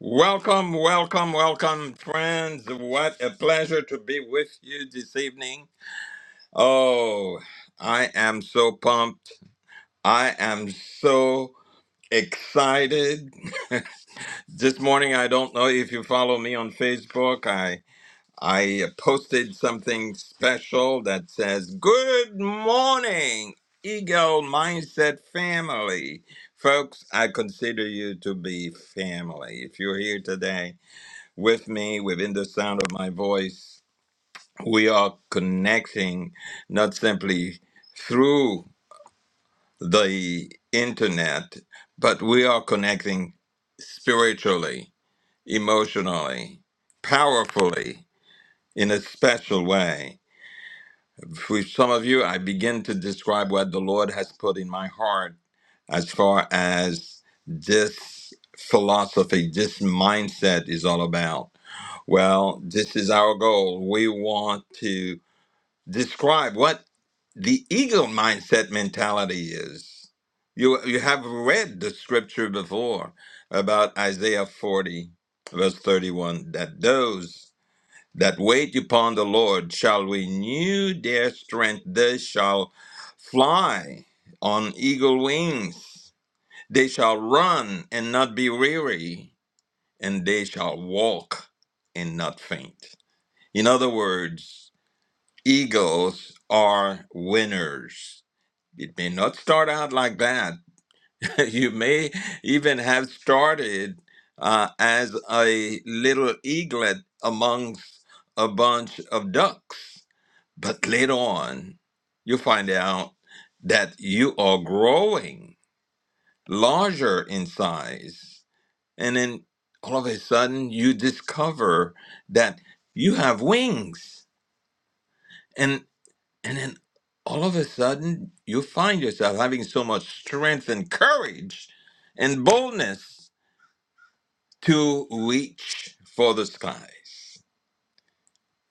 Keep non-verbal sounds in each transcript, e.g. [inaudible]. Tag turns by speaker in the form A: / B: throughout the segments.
A: Welcome, welcome, welcome, friends. What a pleasure to be with you this evening. Oh, I am so pumped. I am so excited. [laughs] this morning, I don't know if you follow me on Facebook. I I posted something special that says, "Good morning, Eagle Mindset family." Folks, I consider you to be family. If you're here today, with me within the sound of my voice. We are connecting not simply through the internet, but we are connecting spiritually, emotionally, powerfully, in a special way. For some of you, I begin to describe what the Lord has put in my heart as far as this philosophy, this mindset is all about Well, this is our goal. We want to describe what the eagle mindset mentality is. You, you have read the scripture before about Isaiah 40, verse 31, that those that wait upon the Lord shall renew their strength, they shall fly on eagle wings, they shall run and not be weary, and they shall walk and not faint. In other words, eagles are winners. It may not start out like that. [laughs] you may even have started uh, as a little eaglet amongst a bunch of ducks, but later on, you find out that you are growing larger in size. And then all of a sudden, you discover that you have wings And then all of a sudden, you find yourself having so much strength and courage and boldness to reach for the skies.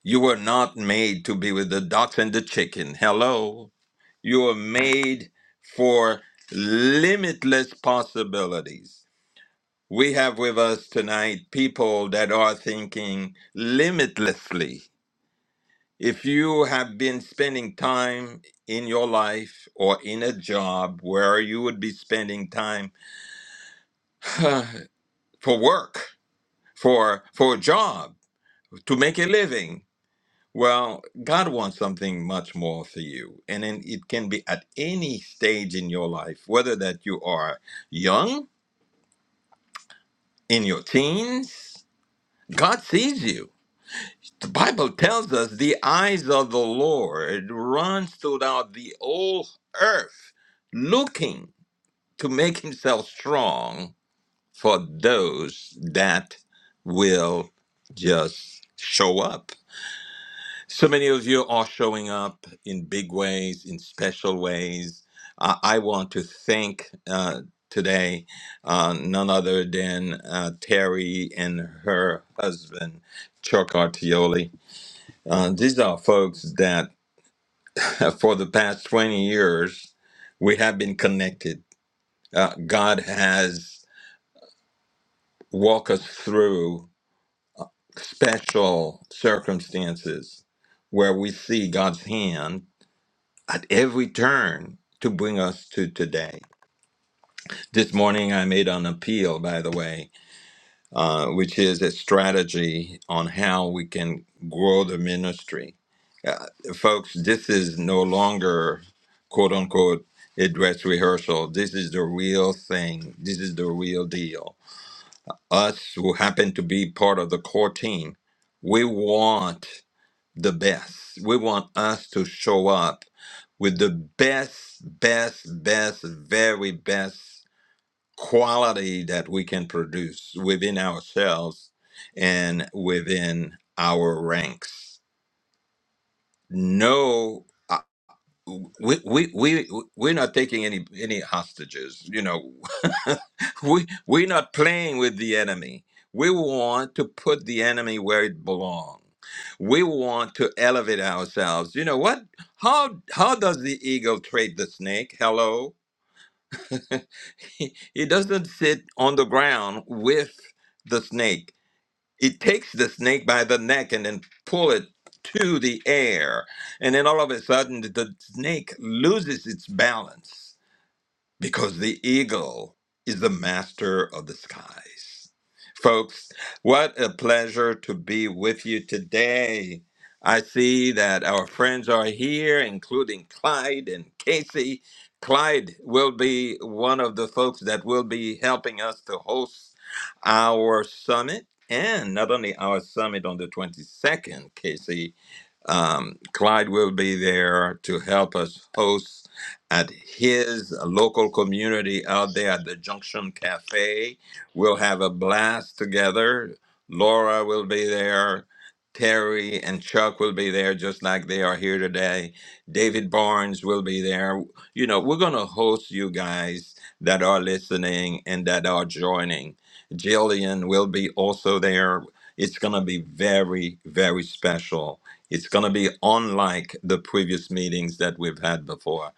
A: You were not made to be with the ducks and the chicken. Hello. You were made for limitless possibilities. We have with us tonight people that are thinking limitlessly If you have been spending time in your life or in a job where you would be spending time [sighs] for work, for for a job, to make a living, well, God wants something much more for you. And then it can be at any stage in your life, whether that you are young, in your teens, God sees you. the Bible tells us the eyes of the Lord runs throughout the whole earth, looking to make himself strong for those that will just show up. So many of you are showing up in big ways, in special ways. I I want to thank uh, today uh, none other than uh, Terry and her husband, Chuck Artioli uh, these are folks that [laughs] for the past 20 years, we have been connected. Uh, God has walked us through special circumstances where we see God's hand at every turn to bring us to today. This morning, I made an appeal, by the way, uh, which is a strategy on how we can grow the ministry. Uh, folks, this is no longer quote unquote a dress rehearsal. This is the real thing. This is the real deal. Us who happen to be part of the core team, we want the best. We want us to show up with the best, best, best, very best quality that we can produce within ourselves and within our ranks. No, uh, we, we, we, we're not taking any, any hostages. You know, [laughs] we, we're not playing with the enemy. We want to put the enemy where it belongs. We want to elevate ourselves. You know what? How how does the eagle trade the snake? Hello, [laughs] he doesn't sit on the ground with the snake. He takes the snake by the neck and then pull it to the air. And then all of a sudden the snake loses its balance because the eagle is the master of the skies. Folks, what a pleasure to be with you today. I see that our friends are here, including Clyde and Casey. Clyde will be one of the folks that will be helping us to host our summit. And not only our summit on the 22nd, Casey, um, Clyde will be there to help us host at his local community out there at the Junction Cafe. We'll have a blast together. Laura will be there. Terry and Chuck will be there just like they are here today. David Barnes will be there. You know, we're going to host you guys that are listening and that are joining. Jillian will be also there. It's going to be very, very special it's going to be unlike the previous meetings that we've had before.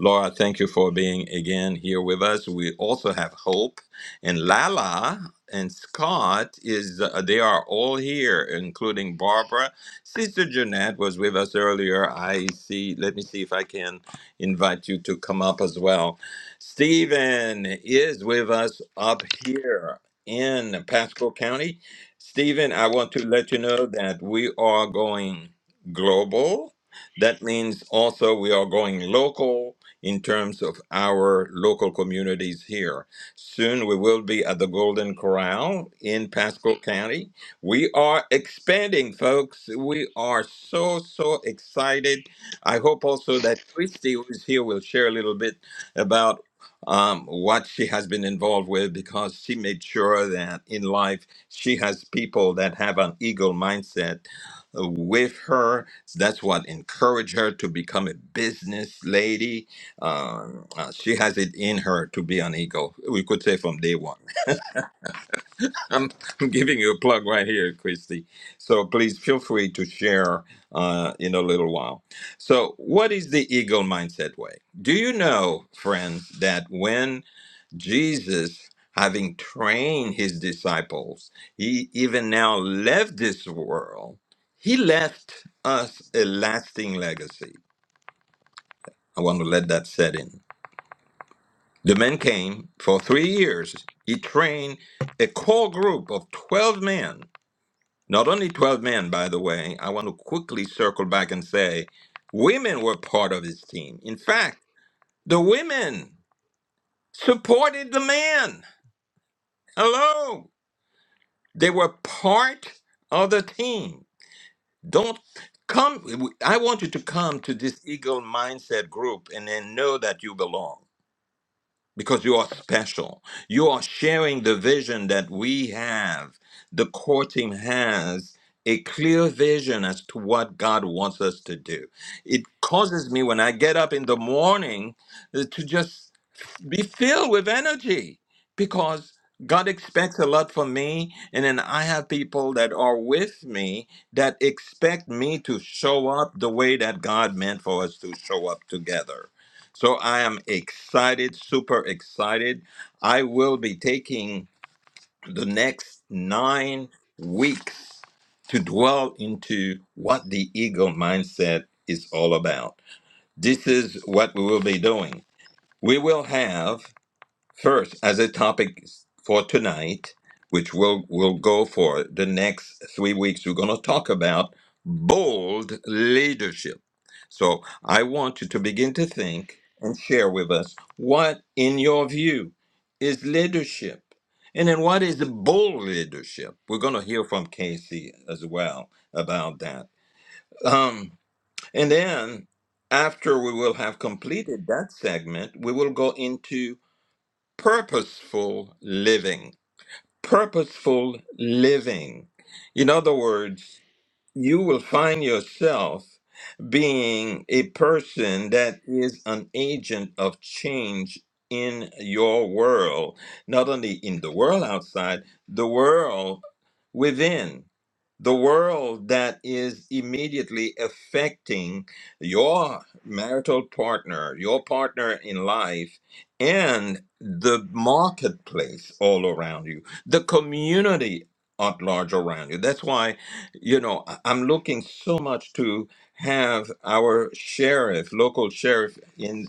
A: Laura, thank you for being again here with us. We also have Hope and Lala and Scott is uh, they are all here, including Barbara. Sister Jeanette was with us earlier. I see. Let me see if I can invite you to come up as well. Stephen is with us up here in Pasco County. Stephen, I want to let you know that we are going global. That means also we are going local in terms of our local communities here. Soon we will be at the Golden Corral in Pasco County. We are expanding, folks. We are so, so excited. I hope also that Christy, who is here, will share a little bit about um, what she has been involved with because she made sure that in life she has people that have an eagle mindset with her. That's what encouraged her to become a business lady. Um, uh, she has it in her to be an eagle. We could say from day one. [laughs] I'm, I'm giving you a plug right here, Christy. So please feel free to share uh, in a little while. So, what is the eagle mindset way? Do you know, friends, that when Jesus, having trained his disciples, he even now left this world. He left us a lasting legacy. I want to let that set in. The men came for three years. He trained a core group of 12 men. Not only 12 men, by the way, I want to quickly circle back and say women were part of his team. In fact, the women supported the man. Hello. They were part of the team. Don't come. I want you to come to this Eagle Mindset group and then know that you belong because you are special. You are sharing the vision that we have, the core team has. A clear vision as to what God wants us to do. It causes me when I get up in the morning uh, to just be filled with energy because God expects a lot from me. And then I have people that are with me that expect me to show up the way that God meant for us to show up together. So I am excited, super excited. I will be taking the next nine weeks to dwell into what the eagle mindset is all about. This is what we will be doing. We will have First, as a topic for tonight, which we'll, we'll go for the next three weeks, we're going to talk about bold leadership. So I want you to begin to think and share with us what, in your view, is leadership? And then what is bold leadership? We're going to hear from Casey as well about that. Um, and then after we will have completed that segment, we will go into purposeful living. Purposeful living. In other words, you will find yourself being a person that is an agent of change in your world, not only in the world outside, the world within, the world that is immediately affecting your marital partner, your partner in life, and the marketplace all around you, the community at large around you. That's why you know, I- I'm looking so much to have our sheriff, local sheriff in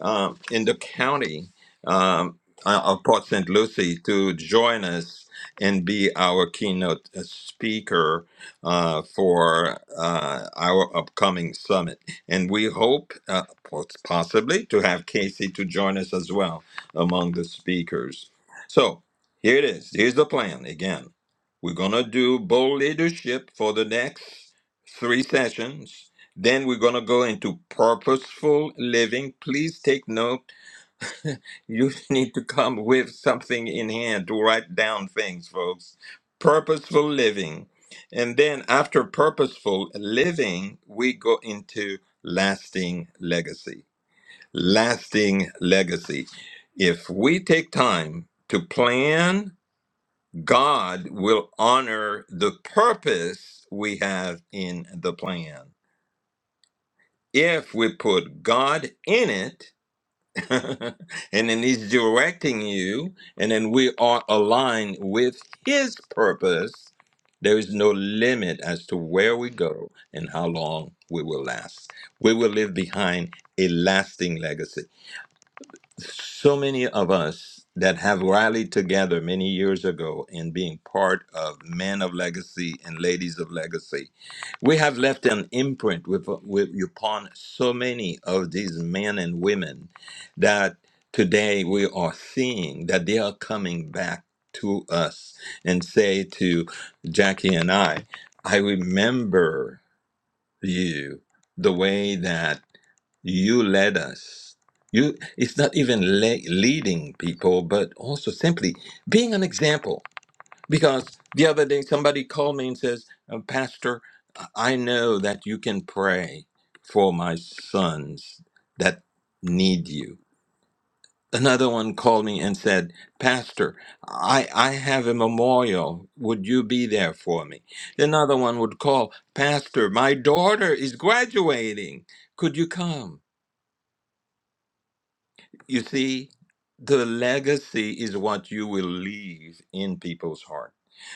A: um, in the county um, uh, of Port St. Lucie, to join us and be our keynote uh, speaker uh, for uh, our upcoming summit. And we hope, uh, pos- possibly, to have Casey to join us as well among the speakers. So here it is. Here's the plan again. We're going to do bold leadership for the next three sessions. Then we're going to go into purposeful living. Please take note. You [laughs] need to come with something in hand to write down things, folks. Purposeful living. And then after purposeful living, we go into lasting legacy. Lasting legacy. If we take time to plan God will honor the purpose we have in the plan. If we put God in it, [laughs] and then He's directing you, and then we are aligned with His purpose, there is no limit as to where we go and how long we will last. We will leave behind a lasting legacy so many of us that have rallied together many years ago in being part of men of legacy and ladies of legacy we have left an imprint with, with upon so many of these men and women that today we are seeing that they are coming back to us and say to jackie and i i remember you the way that you led us. You it's not even le- leading people, but also simply being an example. Because the other day somebody called me and says, "Uh, "Pastor, I know that you can pray for my sons that need you." Another one called me and said, "Pastor, I I have a memorial. Would you be there for me?" Another one would call, "Pastor, my daughter is graduating. Could you come?" You see, the legacy is what you will leave in people's heart.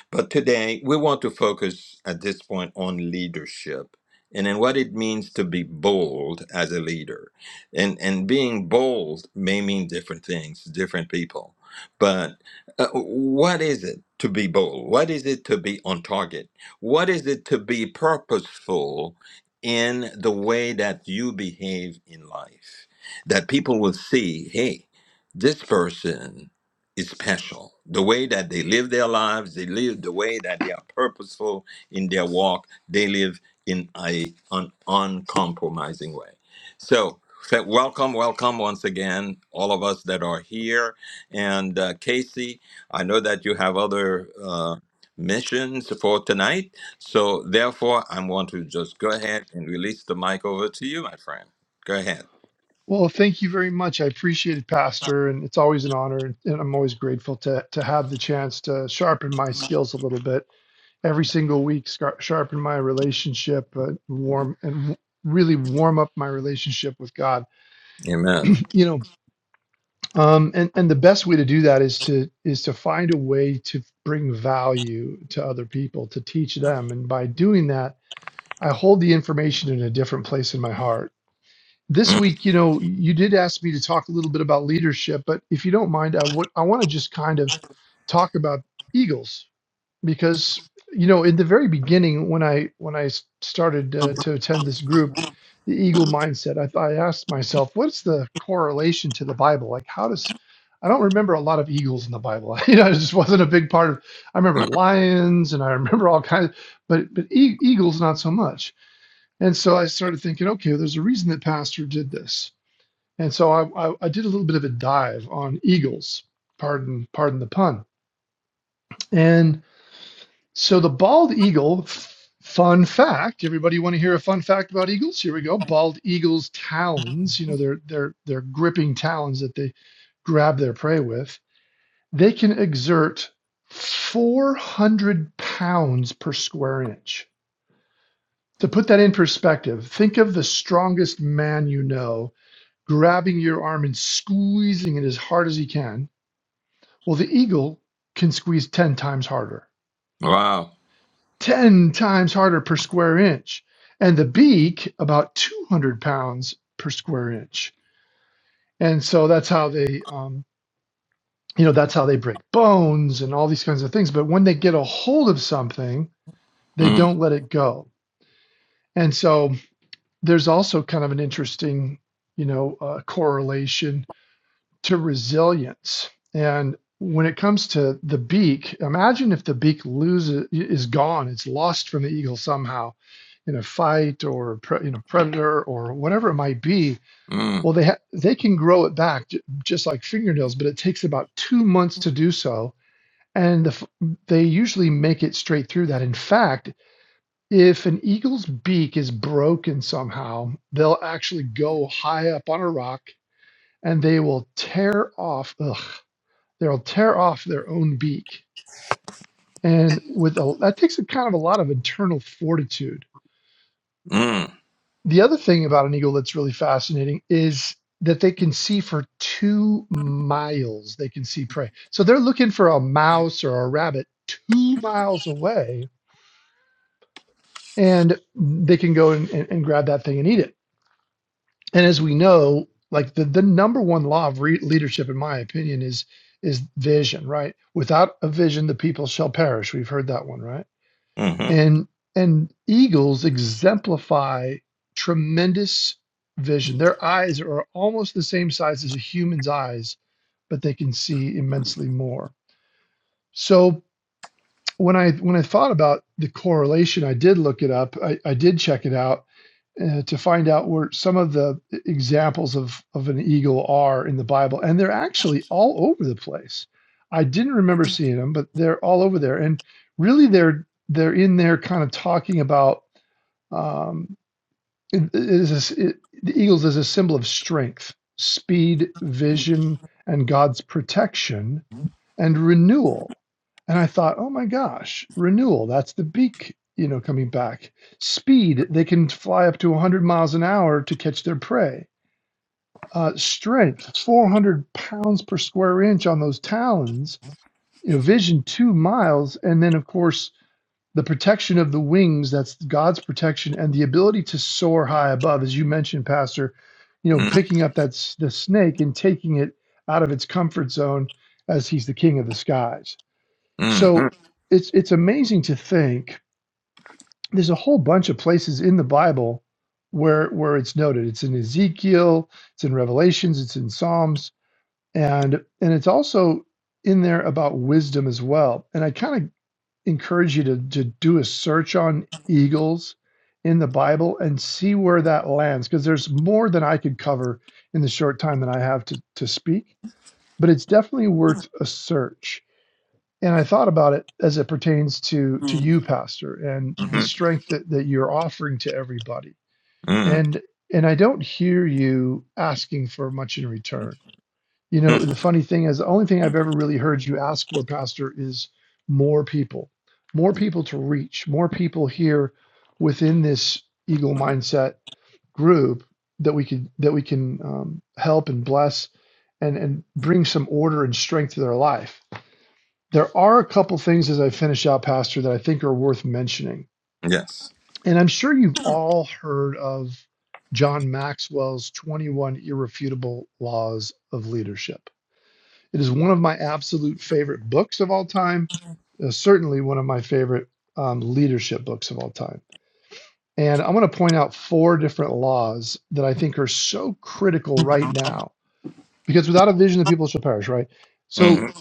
A: But today, we want to focus at this point on leadership and then what it means to be bold as a leader. And, and being bold may mean different things to different people. But uh, what is it to be bold? What is it to be on target? What is it to be purposeful in the way that you behave in life? That people will see, hey, this person is special. The way that they live their lives, they live the way that they are purposeful in their walk. They live in a an uncompromising way. So, so welcome, welcome once again, all of us that are here. And uh, Casey, I know that you have other uh, missions for tonight. So, therefore, I want to just go ahead and release the mic over to you, my friend. Go ahead.
B: Well, thank you very much. I appreciate it, Pastor, and it's always an honor, and and I'm always grateful to to have the chance to sharpen my skills a little bit every single week. scar- Sharpen my relationship, uh, warm and w- really warm up my relationship with God.
A: Amen.
B: You know, um, and and the best way to do that is to is to find a way to bring value to other people, to teach them, and by doing that, I hold the information in a different place in my heart This
A: Mm,
B: week, you know, you did ask me to talk a little bit about leadership, but if you don't mind, I would I want to just kind of talk about Eagles because you know, in the very beginning when I when I s- started uh, to attend this group, the Eagle mindset, I, I asked myself, what's the correlation to the Bible? Like, how does I don't remember a lot of eagles in the Bible. [laughs] you know, it just wasn't a big part of. I remember
A: mm.
B: lions, and I remember all kinds, but but e- eagles not so much and so I started thinking, okay, well, there's a reason that Pastor did this. And so I, I, I did a little bit of a dive on eagles, pardon, pardon the pun. And so the bald eagle, fun fact. Everybody want to hear a fun fact about eagles? Here we go. Bald eagles' talons, you know, their their their gripping talons that they grab their prey with, they can exert 400 pounds per square inch. To put that in perspective, think of the strongest man you know grabbing your arm and squeezing it as hard as he can. Well, the eagle can squeeze 10 times harder,
A: Wow.
B: 10 times harder per square inch. And the beak, about 200 pounds per square inch. And so that's how they, um, you know, that's how they break bones and all these kinds of things. But when they get a hold of something, they
A: Mm,
B: don't let it go. And so there's also kind of an interesting, you know, uh, correlation to resilience. And when it comes to the beak, imagine if the beak loses is gone, it's lost from the eagle somehow in a fight or pre, you know predator or whatever it might be.
A: mm,
B: Well, they ha- they can grow it back j- just like fingernails, but it takes about two months to do so. And the, f- they usually make it straight through that. In fact, if an eagle's beak is broken somehow, they'll actually go high up on a rock and they will tear off. Ugh, they'll tear off their own beak. And with a, that takes a kind of a lot of internal fortitude.
A: mm.
B: The other thing about an eagle that's really fascinating is that they can see for two miles. They can see prey. So they're looking for a mouse or a rabbit two miles away, and they can go and, and, and grab that thing and eat it. And as we know, like the, the number one law of re- leadership, in my opinion, is is vision, right? Without a vision, the people shall perish. We've heard that one, right?
A: mm-hmm.
B: And and eagles exemplify tremendous vision. Their eyes are almost the same size as a human's eyes, but they can see immensely more. So when I when I thought about the correlation, I did look it up. I, I did check it out uh, to find out where some of the examples of of an eagle are in the Bible, and they're actually all over the place. I didn't remember seeing them, but they're all over there, and really they're they're in there kind of talking about um, it, it is a- it- the eagles is a symbol of strength, speed, vision, and God's protection and renewal. And I thought, oh my gosh, renewal, that's the beak, you know, coming back. Speed, they can fly up to 100 miles an hour to catch their prey. Uh, strength, 400 pounds per square inch on those talons. You know, vision, two miles. And then, of course, the protection of the wings that's god's protection and the ability to soar high above as you mentioned pastor you know
A: Mm,
B: picking up that s- the snake and taking it out of its comfort zone as he's the king of the skies
A: mm,
B: so
A: mm,
B: it's it's amazing to think there's a whole bunch of places in the bible where where it's noted it's in ezekiel it's in revelations it's in psalms and and it's also in there about wisdom as well and i kind of encourage you to, to do a search on eagles in the Bible and see where that lands because there's more than I could cover in the short time that I have to, to speak, but it's definitely worth a search. And I thought about it as it pertains to to you, Pastor, and the
A: mm,
B: strength that, that you're offering to everybody.
A: mm,
B: And and I don't hear you asking for much in return you know,
A: mm.
B: the funny thing is, the only thing I've ever really heard you ask for, Pastor, is more people, more people to reach, more people here within this eagle mindset group that we could that we can um, help and bless and and bring some order and strength to their life. There are a couple things as I finish out, Pastor, that I think are worth mentioning,
A: Yes.
B: and I'm sure you've all heard of John Maxwell's 21 irrefutable laws of leadership it is one of my absolute favorite books of all time, uh, certainly one of my favorite um, leadership books of all time. And I want to point out four different laws that I think are so critical right now, because without a vision, the people shall perish, right? So
A: Mm,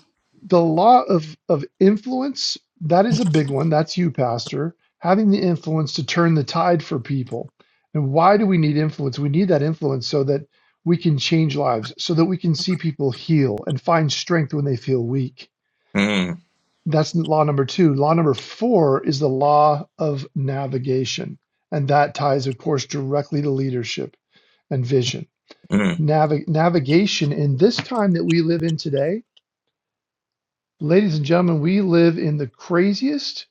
B: the law of of influence that is a big one that's you pastor having the influence to turn the tide for people and why do we need influence we need that influence so that we can change lives so that we can see people heal and find strength when they feel weak
A: mm,
B: that's law number 2 law number 4 is the law of navigation and that ties of course directly to leadership and vision
A: mm,
B: Nav navigation in this time that we live in today Ladies and gentlemen, we live in the craziest,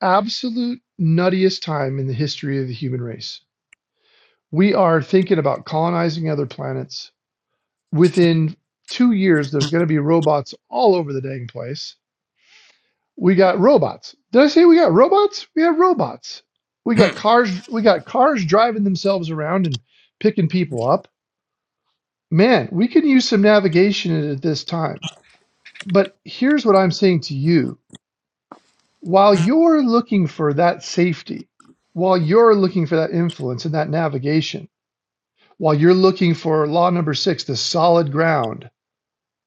B: absolute nuttiest time in the history of the human race. We are thinking about colonizing other planets. Within two years, there's going to be robots all over the dang place. We got robots. Did I say we got robots? We have robots. We got
A: mm.
B: cars. We got cars driving themselves around and picking people up. Man, we can use some navigation at this time. But here's what I'm saying to you while you're looking for that safety, while you're looking for that influence and that navigation, while you're looking for law number six, the solid ground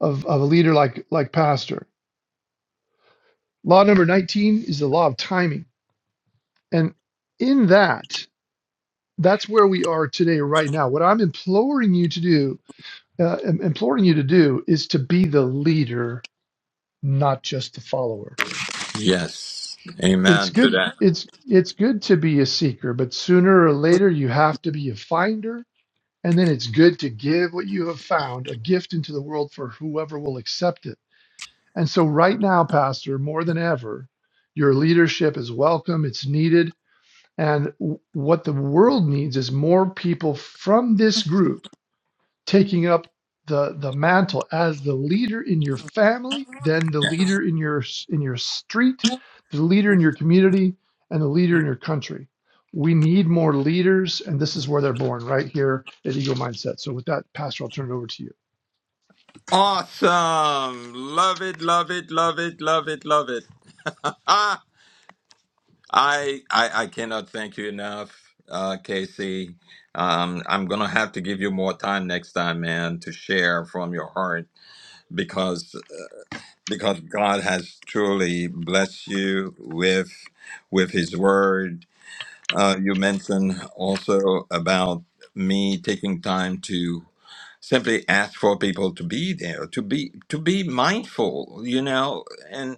B: of, of a leader like like pastor, law number 19 is the law of timing. And in that, that's where we are today, right now. What I'm imploring you to do, uh, im- imploring you to do is to be the leader, not just the follower.
A: Yes.
B: It's
A: Amen to
B: good,
A: that.
B: it's it's good to be a seeker, but sooner or later you have to be a finder And then it's good to give what you have found, a gift into the world for whoever will accept it. And so, right now, Pastor, more than ever, your leadership is welcome, it's needed. And w- what the world needs is more people from this group taking up the the mantle as the leader in your family, then the leader in your in your street, the leader in your community, and the leader in your country. We need more leaders, and this is where they're born, right here at Eagle Mindset. So, with that, Pastor, I'll turn it over to you.
A: Awesome. Love it, love it, love it, love it, love it. [laughs] I, I I cannot thank you enough, uh, Casey. Um, I'm gonna have to give you more time next time, man, to share from your heart because because God has truly blessed you with with His Word Uh, you mentioned also about me taking time to simply ask for people to be there, to be to be mindful, you know, and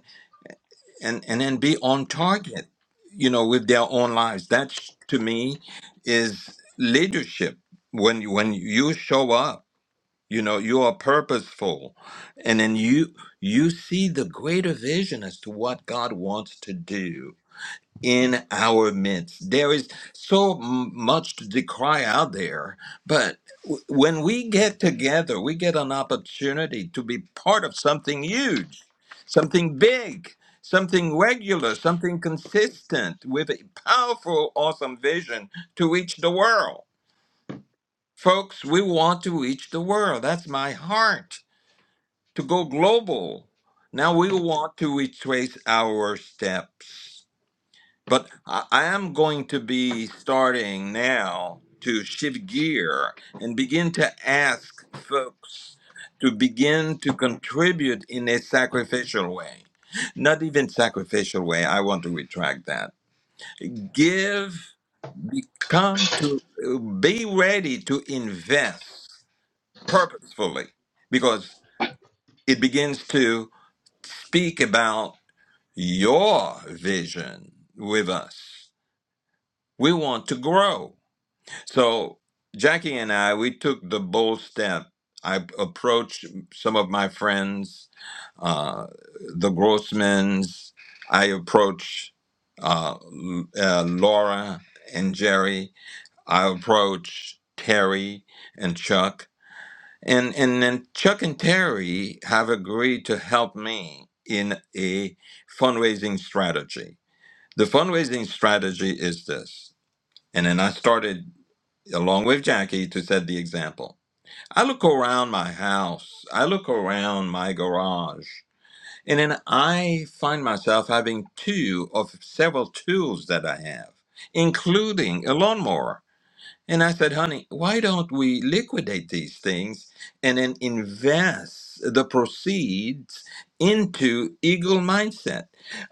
A: and and then be on target, you know, with their own lives. That's to me is leadership. When you- when you show up, you know, you are purposeful, and then you you see the greater vision as to what God wants to do in our midst. There is so m- much to cry out there, but w- when we get together, we get an opportunity to be part of something huge, something big, something regular, something consistent with a powerful, awesome vision to reach the world. Folks, we want to reach the world. That's my heart to go global. Now we want to retrace our steps. But I, I am going to be starting now to shift gear and begin to ask folks to begin to contribute in a sacrificial way. Not even sacrificial way, I want to retract that. Give, become to be ready to invest purposefully because it begins to speak about your vision with us. We want to grow. So Jackie and I, we took the bold step. I approached some of my friends, uh, the Grossmans. I approached uh, L- uh, Laura and Jerry. I approached Terry and Chuck. And, and then Chuck and Terry have agreed to help me in a fundraising strategy. The fundraising strategy is this. And then I started along with Jackie, to set the example. I look around my house, I look around my garage, and then I find myself having two of several tools that I have, including a lawnmower. And I said, honey, why don't we liquidate these things and then invest the proceeds into Eagle Mindset?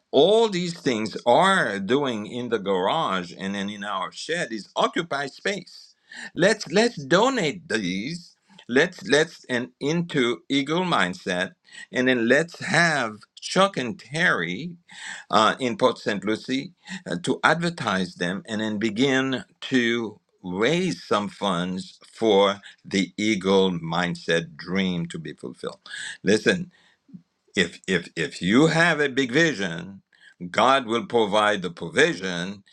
A: All these things are doing in the garage and then in our shed is occupy space. Let's let's donate these. Let's let's and into Eagle Mindset, and then let's have Chuck and Terry uh, in Port St. Lucie uh, to advertise them and then begin to raise some funds for the eagle mindset dream to be fulfilled listen if if if you have a big vision god will provide the provision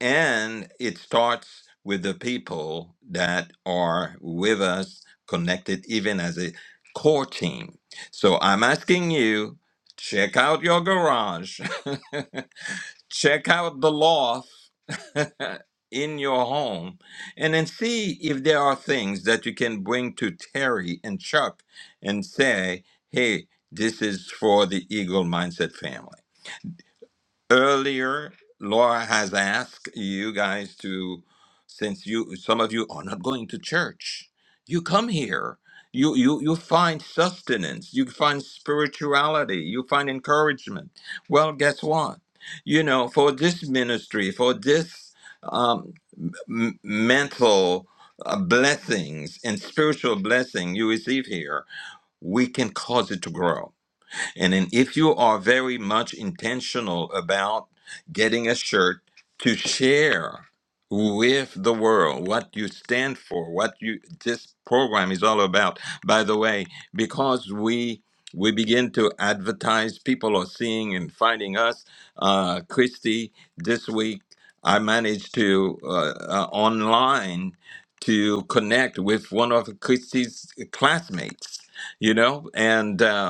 A: and it starts with the people that are with us connected even as a core team so i'm asking you check out your garage [laughs] check out the loft [laughs] in your home and then see if there are things that you can bring to Terry and Chuck and say, hey, this is for the Eagle Mindset family. Earlier, Laura has asked you guys to, since you some of you are not going to church, you come here. You, you, you find sustenance, you find spirituality, you find encouragement. Well, guess what? You know, for this ministry, for this um, m- mental uh, blessings and spiritual blessing you receive here, we can cause it to grow and then if you are very much intentional about getting a shirt to share with the world what you stand for, what you this program is all about. By the way, because we we begin to advertise, people are seeing and finding us. Uh, Christy, this week I managed to uh, uh, online to connect with one of Christy's classmates, you know, and. Um,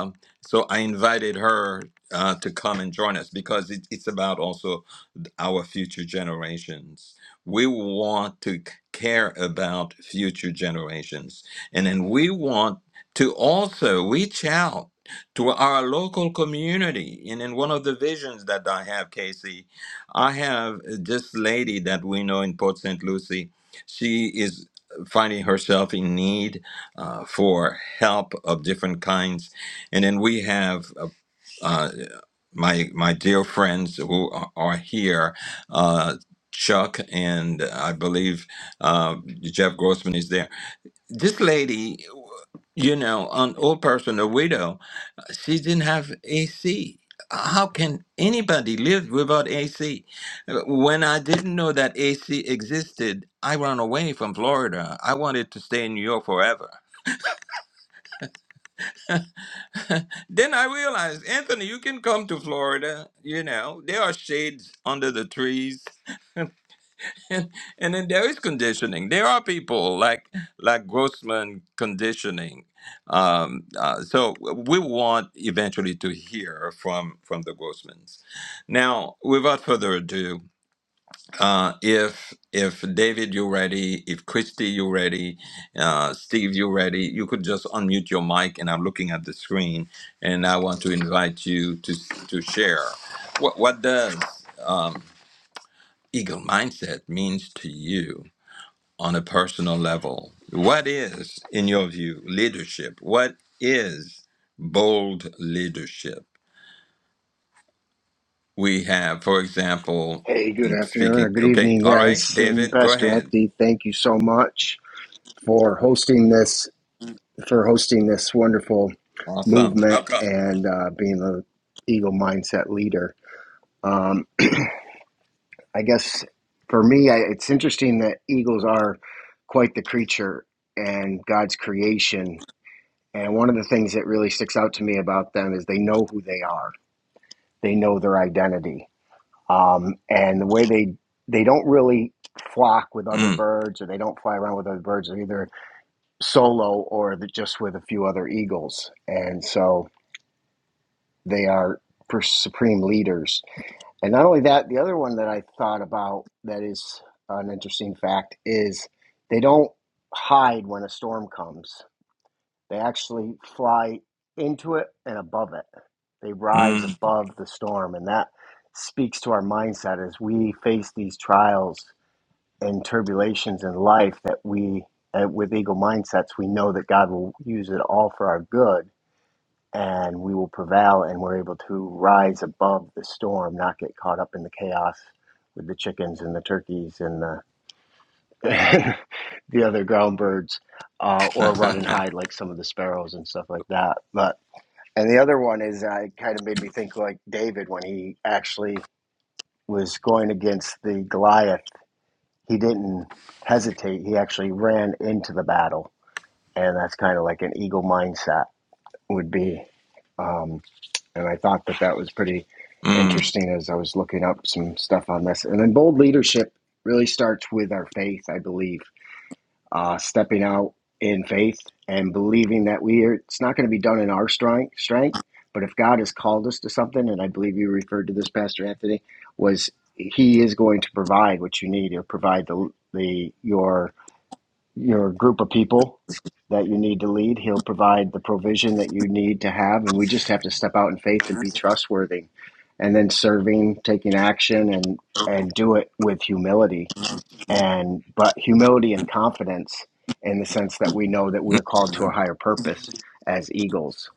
A: so I invited her uh, to come and join us because it, it's about also our future generations. We want to c- care about future generations. And then we want to also reach out to our local community. And in one of the visions that I have, Casey, I have uh, this lady that we know in Port St. Lucie. She is uh, finding herself in need uh, for help of different kinds. And then we have uh, uh, my my dear friends who are are here, uh, Chuck and I believe uh, Jeff Grossman is there. This lady, you know, an old person, a widow, she didn't have AC. How can anybody live without AC? When I didn't know that AC existed, I ran away from Florida. I wanted to stay in New York forever. Then I realized, Anthony, you can come to Florida. You know, there are shades under the trees and, and then there is conditioning. There are people like like Grossman conditioning. Um, uh, so we want eventually to hear from from the Grossmans. Now, without further ado, uh, if if David you're ready, if Christy you're ready, uh, Steve you're ready, you could just unmute your mic. And I'm looking at the screen, and I want to invite you to to share what what does eagle mindset means to you on a personal level. What is, in your view, leadership? What is bold leadership? We have, for example,
C: Hey, good
A: in
C: afternoon or
A: speaking,
C: good
A: okay,
C: evening,
A: all right,
C: guys. And
A: David, go
C: Pastor
A: ahead.
C: Anthony, thank you so much for hosting this for hosting this wonderful
A: Awesome.
C: movement
A: Welcome.
C: and uh, being the Eagle mindset leader. Um, I guess for me, I, it's interesting that eagles are quite the creature and God's creation. And one of the things that really sticks out to me about them is they know who they are. They know their identity um, and the way they they don't really flock with other
A: Mm,
C: birds or they don't fly around with other birds they're either solo or the, just with a few other eagles and so they are supreme leaders and not only that the other one that i thought about that is an interesting fact is they don't hide when a storm comes they actually fly into it and above it. They rise
A: mm,
C: above the storm. And that speaks to our mindset as we face these trials and tribulations in life that we, uh, with eagle mindsets, we know that God will use it all for our good and we will prevail and we're able to rise above the storm, not get caught up in the chaos with the chickens and the turkeys and the. [laughs] the other ground birds, uh,
A: [laughs]
C: or run and hide like some of the sparrows and stuff like that. But and the other one is I uh, kind of made me think like David when he actually was going against the Goliath. He didn't hesitate. He actually ran into the battle, and that's kind of like an eagle mindset would be. Um, and I thought that that was pretty
A: mm,
C: interesting as I was looking up some stuff on this. And then bold leadership really starts with our faith, I believe uh, stepping out in faith and believing that we are, it's not going to be done in our strength, strength, but if God has called us to something, and I believe you referred to this, Pastor Anthony, was He is going to provide what you need. He'll provide the the your your group of people that you need to lead. He'll provide the provision that you need to have, and we just have to step out in faith and be trustworthy, and then serving, taking action, and and do it with humility and but humility and confidence in the sense that we know that
A: mm.
C: we're called to a higher purpose as eagles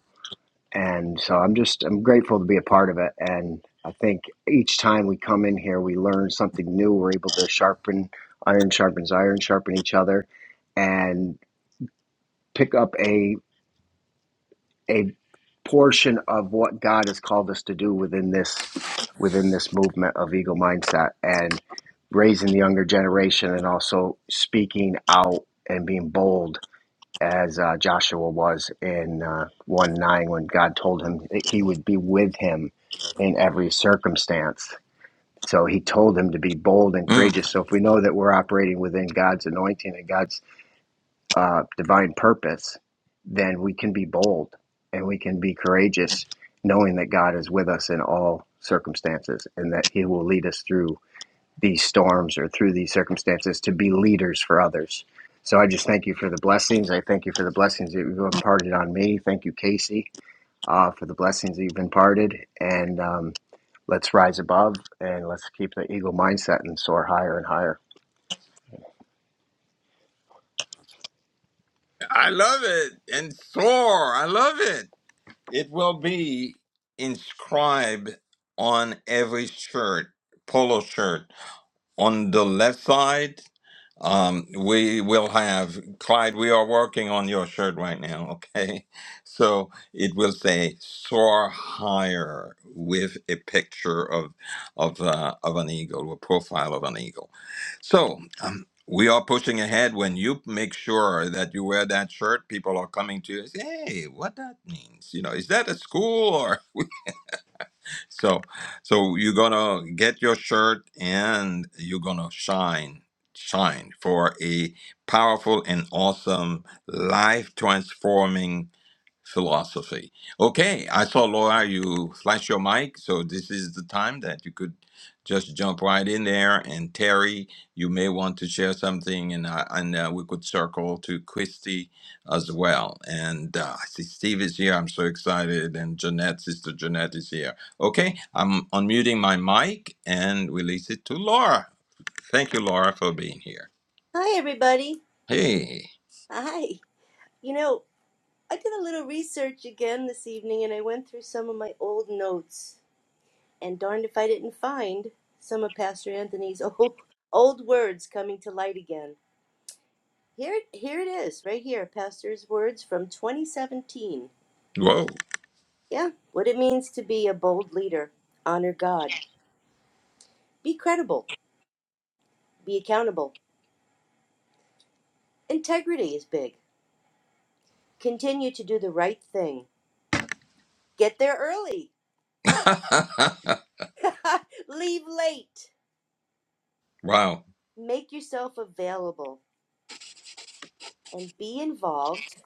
C: and so i'm just i'm grateful to be a part of it and i think each time we come in here we learn something new we're able to sharpen iron sharpens iron sharpen each other and pick up a a portion of what God has called us to do within this within this movement of eagle mindset and raising the younger generation and also speaking out and being bold as uh, Joshua was in uh, 1 9 when God told him he would be with him in every circumstance. So he told him to be bold and
A: mm.
C: courageous. So if we know that we're operating within God's anointing and God's uh, divine purpose, then we can be bold and we can be courageous, knowing that God is with us in all circumstances and that He will lead us through these storms or through these circumstances to be leaders for others. So I just thank you for the blessings. I thank you for the blessings that you've imparted on me. Thank you, Casey, uh, for the blessings that you've imparted. And um, let's rise above and let's keep the eagle mindset and soar higher and higher.
A: I love it. And soar. I love it. It will be inscribed on every shirt, polo shirt, on the left side Um, we will have Clyde. We are working on your shirt right now, [laughs] okay? So it will say "Soar Higher" with a picture of of uh, of an eagle, a profile of an eagle. So um, we are pushing ahead. When you make sure that you wear that shirt, people are coming to you. and Say, hey, what that means? You know, is that a school so so you're gonna get your shirt and you're gonna shine shine for a powerful and awesome life transforming philosophy. Okay, I saw Laura, you flash your mic, so this is the time that you could just jump right in there. And Terry, you may want to share something, and uh, and uh, we could circle to Christy as well. And uh, I see Steve is here. I'm so excited, and Jeanette, sister Jeanette, is here. Okay, I'm unmuting my mic and release it to Laura. Thank you, Laura, for being here.
D: Hi, everybody.
A: Hey,
D: Hi. You know, I did a little research again this evening and I went through some of my old notes. And darned if I didn't find some of Pastor Anthony's [laughs] old, old words coming to light again. Here, here it is, right here Pastor's words from 2017.
A: whoa,
D: Yeah, what it means to be a bold leader, honor God, be credible, be accountable. Integrity is big. Continue to do the right thing. Get there early,
A: [laughs]
D: [laughs] leave late.
A: wow,
D: make yourself available and be involved.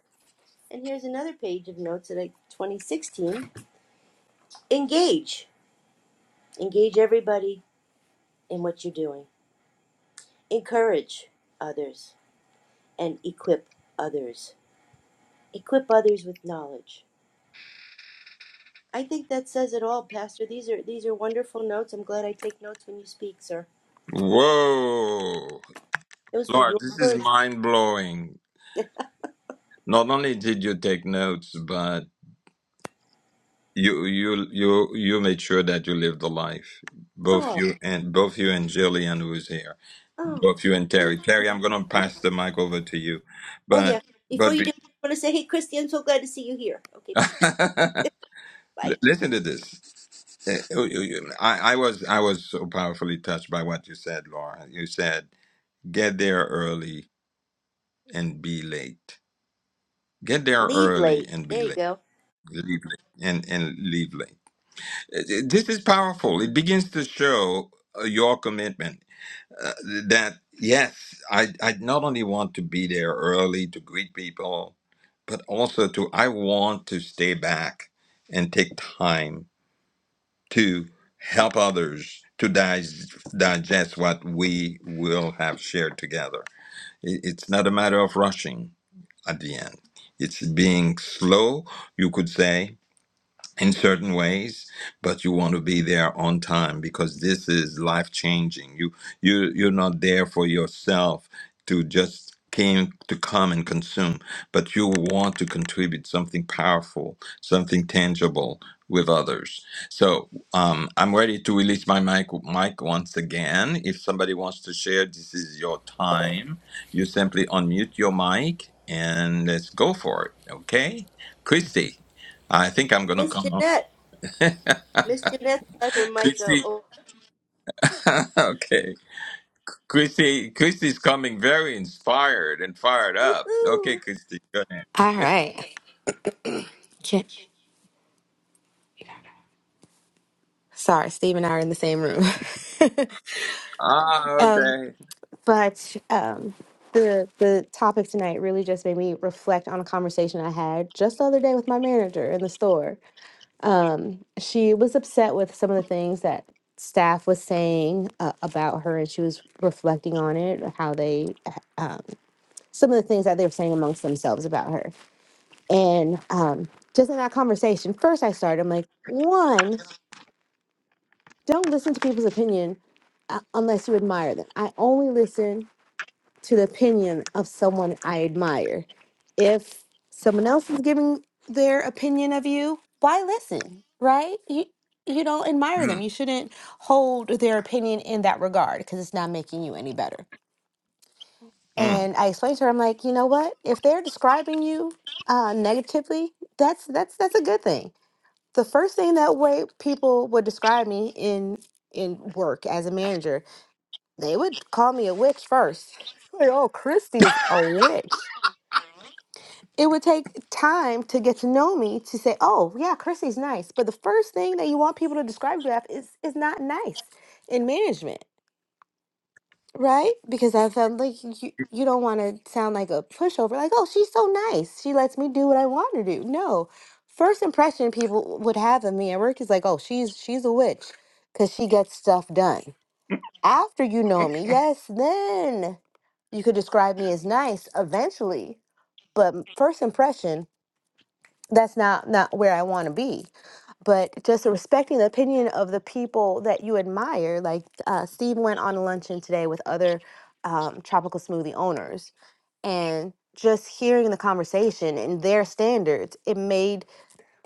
D: And here's another page of notes that I 2016. Engage. Engage everybody in what you're doing. Encourage others and equip others. Equip others with knowledge. I think that says it all, Pastor. These are these are wonderful notes. I'm glad I take notes when you speak, sir.
A: whoa.
D: Those were
A: Lord,
D: your
A: this is
D: words.
A: mind blowing.
D: [laughs]
A: Not only did you take notes, but you you you you made sure that you lived the life. Both
D: Oh,
A: you and both you and Jillian who's here.
D: oh,
A: Both you and Terry. Terry, I'm gonna pass the mic over to you.
D: oh yeah.
A: But
D: Before
A: but
D: you do,
A: be-
D: I want to say, hey, Christy, I'm so glad to see you here. Okay,
A: [laughs]
D: bye,
A: L-
D: bye.
A: listen to this. Uh, you- you- I, I was I was so powerfully touched by what you said, Laura. You said, get there early and be late. Get there
D: Leave
A: early
D: late.
A: and be
D: There
A: late
D: you go.
A: Lively and and Lively. Uh, This is powerful. It begins to show uh, your commitment uh, that yes, I I not only want to be there early to greet people, but also to I want to stay back and take time to help others to dig- digest what we will have shared together. I- It's not a matter of rushing at the end. It's being slow, you could say, in certain ways but you want to be there on time because this is life changing you you you're not there for yourself to just came to come and consume but you want to contribute something powerful something tangible with others so um, i'm ready to release my mic mic once again if somebody wants to share this is your time you simply unmute your mic and let's go for it okay christy i think i'm gonna
D: Miss
A: come on
D: Jeanette. Miss Jeanette's got her mic up.
A: Christy,
D: Oh,
A: [laughs] okay. Christy, Christy's coming very inspired and fired up.
D: woohoo.
A: Okay, Christy. Good.
E: All right. Can- Sorry, Steve and I are in the same room.
A: Ah,
E: [laughs] um,
A: okay.
E: but um, the the topic tonight really just made me reflect on a conversation I had just the other day with my manager in the store. She was upset with some of the things that staff was saying uh, about her, and she was reflecting on it, how they some of the things that they were saying amongst themselves about her, and um, just in that conversation, first I started. I'm like, one. don't listen to people's opinion uh, unless you admire them. I only listen to the opinion of someone I admire. If someone else is giving their opinion of you, why listen? Right? You you don't admire them.
A: Mm,
E: You shouldn't hold their opinion in that regard because it's not making you any better.
A: mm,
E: And I explained to her, I'm like, you know what? If they're describing you uh, negatively, that's that's that's a good thing the first thing that way people would describe me in in work as a manager, they would call me a witch first. [laughs] Like, oh, Christy is a witch. It would take time to get to know me to say, oh yeah, Christy's nice. But the first thing that you want people to describe you as is is not nice in management. Right? Because I felt like you, you don't want to sound like a pushover, like, oh, she's so nice. She lets me do what I want to do. No. First impression people would have of me at work is like, oh, she's she's a witch because she gets stuff done. After you know me, yes, then you could describe me as nice eventually. But m- first impression, that's not not where I want to be but just respecting the opinion of the people that you admire. Like uh, Steve went on a luncheon today with other um, tropical smoothie owners, and just hearing the conversation and their standards, it made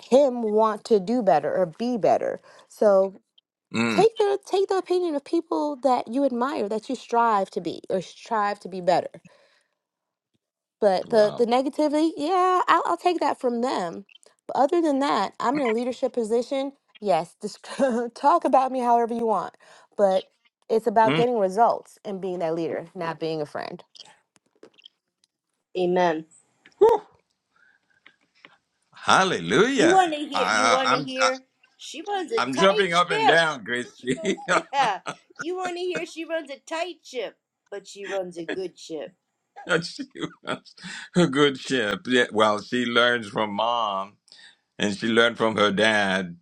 E: him want to do better or be better. So
A: mm.
E: take the take the opinion of people that you admire, that you strive to be or strive to be better. But the
A: Wow.
E: the negativity, yeah, I'll, I'll take that from them. But other than that, I'm in a leadership position. Yes, just [laughs] talk about me however you want, but it's about
A: Mm.
E: getting results and being that leader, not being a friend.
D: Amen.
A: Whew.
D: You
A: Hallelujah.
D: want to hear? You
A: I,
D: want
A: I-
D: to
A: I'm I,
D: hear? She runs a
A: I'm
D: tight
A: jumping up and
D: ship.
A: down,
D: She
A: Christy. [laughs]
D: runs, [laughs] yeah. You want to hear? She runs a tight ship, but she runs a good ship.
A: she was a good ship. Yeah, well, she learns from mom. and she learned from her dad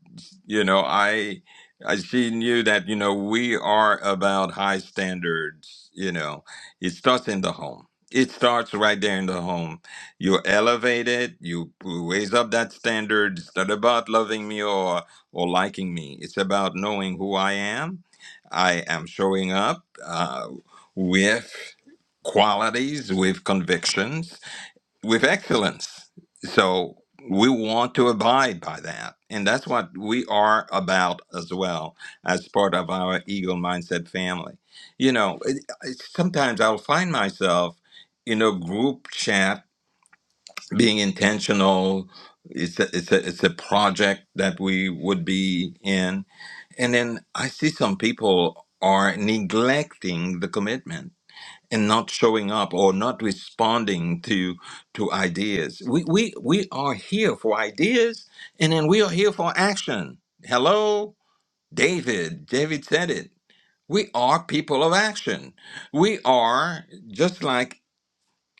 A: you know i i she knew that you know we are about high standards you know it starts in the home it starts right there in the home you elevate it you raise up that standard it's not about loving me or or liking me it's about knowing who i am i am showing up uh, with qualities with convictions with excellence. So we want to abide by that. And that's what we are about as well as part of our Eagle Mindset family. You know, it, it, sometimes I'll find myself in a group chat being intentional. It's a, it's, a, it's a project that we would be in. And then I see some people are neglecting the commitment and not showing up or not responding to to ideas. We we we are here for ideas and then we are here for action. Hello, David. David said it. We are people of action. We are just like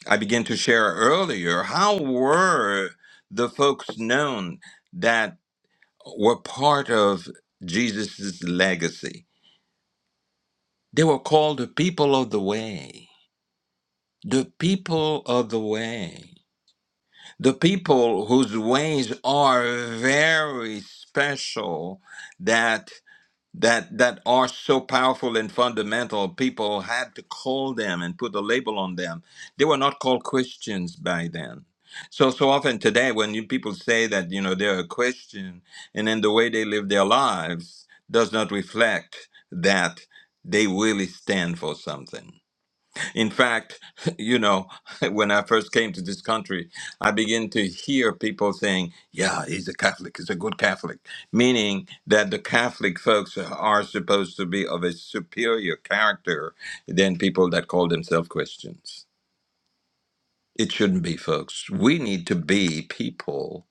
A: I began to share earlier, how were the folks known that were part of Jesus' legacy? They were called the people of the way. The people of the way The people whose ways are very special that that that are so powerful and fundamental people had to call them and put a label on them they were not called christians by then so so often today when you people say that you know they're a christian and then the way they live their lives does not reflect that they really stand for something in fact, [laughs] you know, [laughs] when I first came to this country, I began to hear people saying, yeah, he's a Catholic, he's a good Catholic, meaning that the Catholic folks are supposed to be of a superior character than people that call themselves Christians. It shouldn't be, folks. We need to be people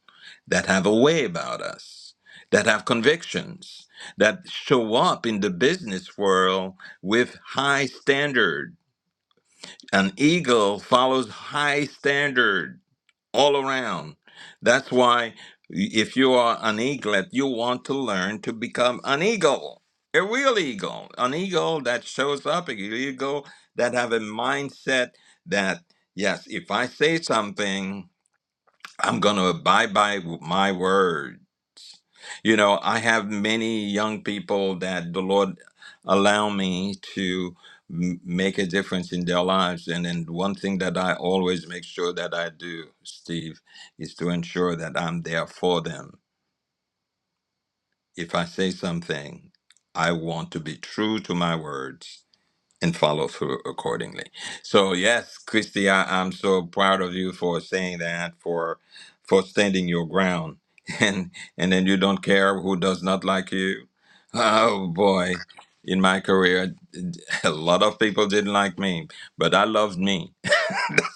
A: that have a way about us, that have convictions, that show up in the business world with high standards an eagle follows high standard all around. That's why if you are an eaglet, you want to learn to become an eagle, a real eagle, an eagle that shows up, an eagle that have a mindset that yes, if I say something, I'm going to abide by my word. You know, I have many young people that the Lord allow me to m- make a difference in their lives. And then one thing that I always make sure that I do, Steve, is to ensure that I'm there for them. If I say something, I want to be true to my words and follow through accordingly. So yes, Christy, I, I'm so proud of you for saying that, for for standing your ground, [laughs] and and then you don't care who does not like you. Oh boy, in my career, [laughs] a lot of people didn't like me, but I loved me.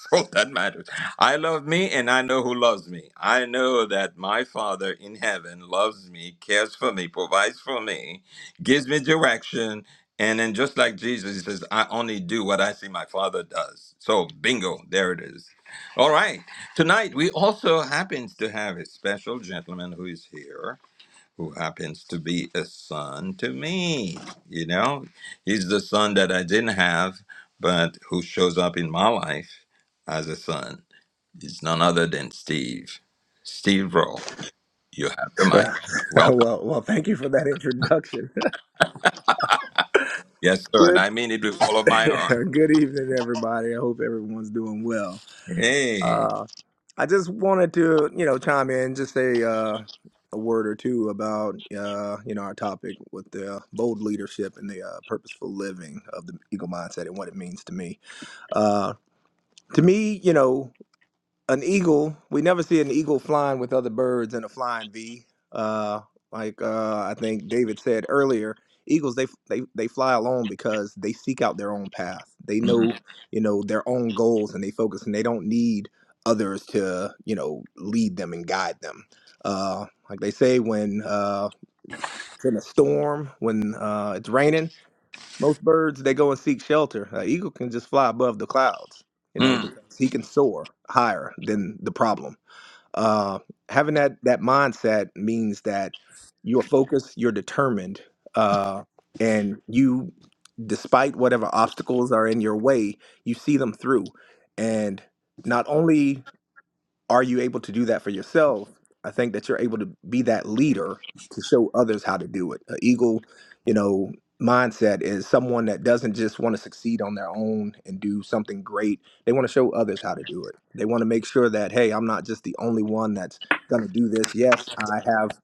A: [laughs] all that matters. I love me and I know who loves me. I know that my Father in heaven loves me, cares for me, provides for me, gives me direction. And then just like Jesus, he says, I only do what I see my Father does. So bingo, there it is. All right. Tonight, we also happens to have a special gentleman who is here who happens to be a son to me. You know, he's the son that I didn't have, but who shows up in my life as a son. It's none other than Steve. Steve Roll, you have the
F: Uh,
A: mic.
F: [laughs] uh,
A: Welcome.
F: well, well, thank you for that introduction.
A: Yes, sir. And
F: Good,
A: I mean it with all
F: [laughs]
A: of my heart.
F: good evening, everybody. I hope everyone's doing well.
A: Hey.
F: Uh, I just wanted to, you know, chime in, just say uh, a word or two about, uh, you know, our topic with the bold leadership and the uh, purposeful living of the eagle mindset and what it means to me. Uh, to me, you know. an eagle we never see an eagle flying with other birds in a flying v uh like uh i think david said earlier eagles they they they fly alone because they seek out their own path they
A: Mm,
F: know you know their own goals and they focus and they don't need others to you know lead them and guide them uh like they say when uh it's in a storm when uh it's raining most birds they go and seek shelter an eagle can just fly above the clouds you know
A: mm.
F: because he can soar higher than the problem uh, having that that mindset means that you're focused, you're determined, uh, and you, despite whatever obstacles are in your way, you see them through. And not only are you able to do that for yourself? I think that you're able to be that leader to show others how to do it. An eagle, you know, mindset is someone that doesn't just want to succeed on their own and do something great. They want to show others how to do it. They want to make sure that, hey, I'm not just the only one that's going to do this. Yes, I have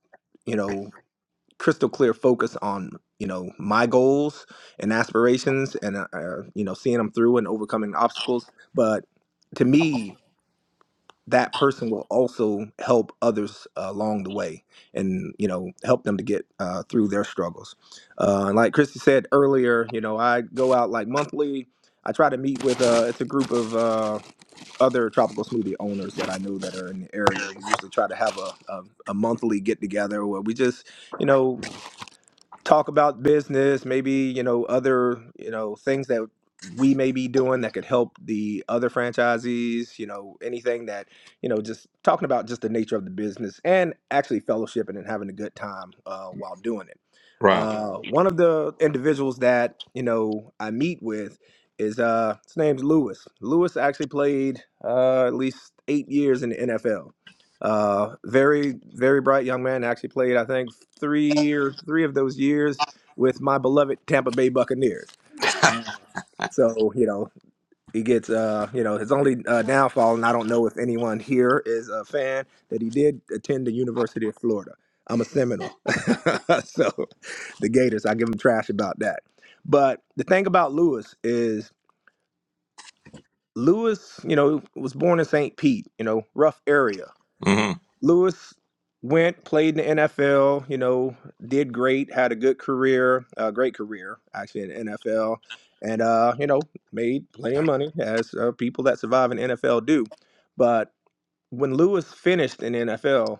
F: you know crystal clear focus on you know my goals and aspirations and uh, uh, you know seeing them through and overcoming obstacles but to me that person will also help others uh, along the way and you know help them to get uh, through their struggles uh, and like christy said earlier you know i go out like monthly i try to meet with uh, it's a group of uh, other tropical smoothie owners that i know that are in the area we usually try to have a, a, a monthly get together where we just you know talk about business, maybe, you know, other, you know, things that we may be doing that could help the other franchisees, you know, anything that, you know, just talking about just the nature of the business and actually fellowshipping and having a good time uh, while doing it.
A: Wow.
F: Uh, one of the individuals that, you know, I meet with is, uh, his name's Lewis. Lewis actually played uh, at least eight years in the NFL. Uh, very, very bright young man. Actually played, I think, three or three of those years with my beloved Tampa Bay Buccaneers. So you know he gets uh you know his only uh, downfall, and I don't know if anyone here is a fan that he did attend the University of Florida. I'm a Seminole, [laughs] so the Gators. I give him trash about that. But the thing about Lewis is Lewis, you know, was born in St. Pete, you know, rough area
A: hmm
F: Lewis went, played in the NFL, you know, did great, had a good career, a great career actually in the NFL, and uh, you know, made plenty of money as uh, people that survive in NFL do. But when Lewis finished in NFL,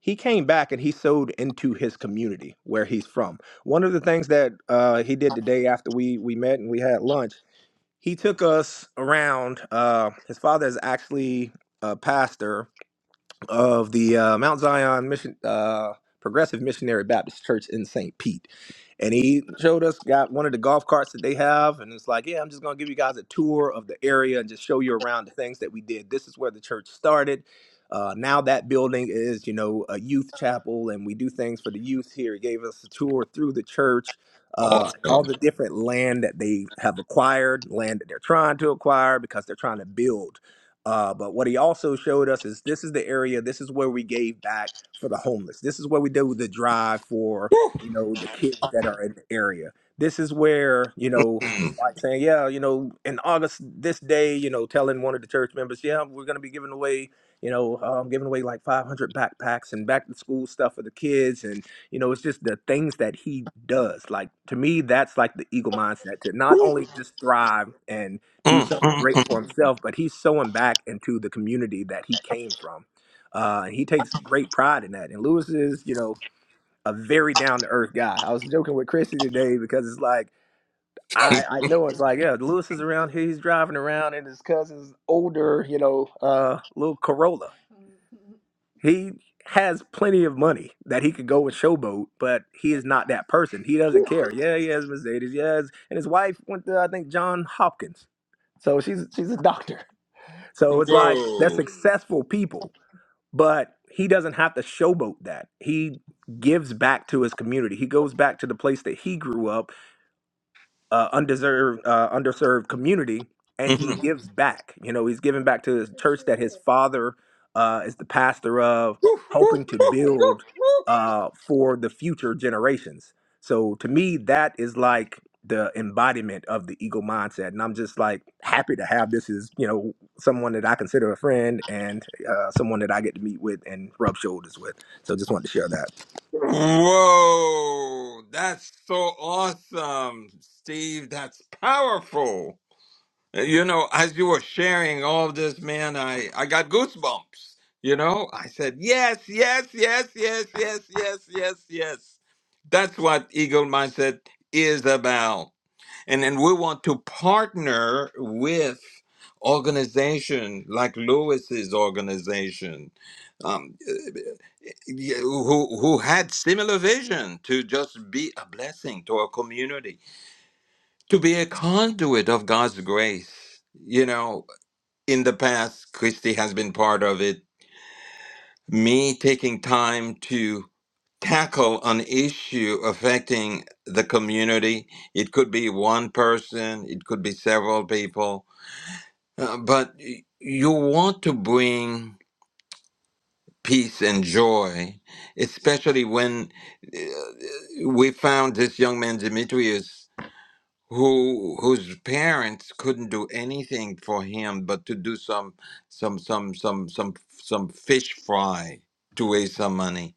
F: he came back and he sowed into his community where he's from. One of the things that uh, he did the day after we we met and we had lunch, he took us around. Uh, his father is actually a pastor of the uh, Mount Zion Mission uh, Progressive Missionary Baptist Church in St. Pete, and he showed us got one of the golf carts that they have, and it's like, yeah, I'm just gonna give you guys a tour of the area and just show you around the things that we did. This is where the church started. Uh, now that building is, you know, a youth chapel, and we do things for the youth here. He gave us a tour through the church. Uh, and all
A: Awesome.
F: the different land that they have acquired, land that they're trying to acquire because they're trying to build. Uh, but what he also showed us is this is the area, this is where we gave back for the homeless. This is where we do the drive for,
A: Woo.
F: you know, the kids that are in the area. This is where, you know, it's
A: Mm,
F: like saying, yeah, you know, in August this day, you know, telling one of the church members, yeah, we're going to be giving away, you know, um, giving away like 500 backpacks and back to school stuff for the kids. And, you know, it's just the things that he does. Like, to me, that's like the eagle mindset to not
A: woo.
F: only just thrive and do
A: Mm,
F: something
A: mm,
F: great for himself, but he's sowing back into the community that he came from. Uh, and he takes great pride in that. And Lewis is, you know, a very down to earth guy. I was joking with Chrissy today because it's like, I, I know it's like, yeah, Lewis is around here. He's driving around in his cousin's older, you know, uh, little Corolla. He has plenty of money that he could go and showboat, but he is not that person. He doesn't care. Yeah, he has Mercedes. Yes. And his wife went to, I think, John Hopkins. So she's she's a doctor. So
A: mm.
F: it's like they're
A: Whoa.
F: successful people, but he doesn't have to showboat that. He gives back to his community. He goes back to the place that he grew up uh, undeserved, uh, underserved community, and he
A: Mm-hmm.
F: gives back. You know, he's giving back to his church that his father uh, is the pastor of, helping to build uh, for the future generations. So to me, that is like the embodiment of the ego mindset, and I'm just like happy to have this as you know someone that I consider a friend and uh, someone that I get to meet with and rub shoulders with. So just wanted to share that.
A: Whoa, that's so awesome, Steve. That's powerful. Uh, You know, as you were sharing all this, man, I, I got goosebumps. You know, I said, yes, yes, yes, yes, yes, yes, yes, yes. That's what Eagle Mindset is about. And then we want to partner with organization like Lewis's organization. Um, uh, yeah, who who had similar vision to just be a blessing to our community, to be a conduit of God's grace. You know, in the past, Christy has been part of it. Me taking time to tackle an issue affecting the community. It could be one person, it could be several people, uh, but y- you want to bring peace and joy, especially when uh, we found this young man Demetrius who whose parents couldn't do anything for him but to do some some some some some some fish fry to raise some money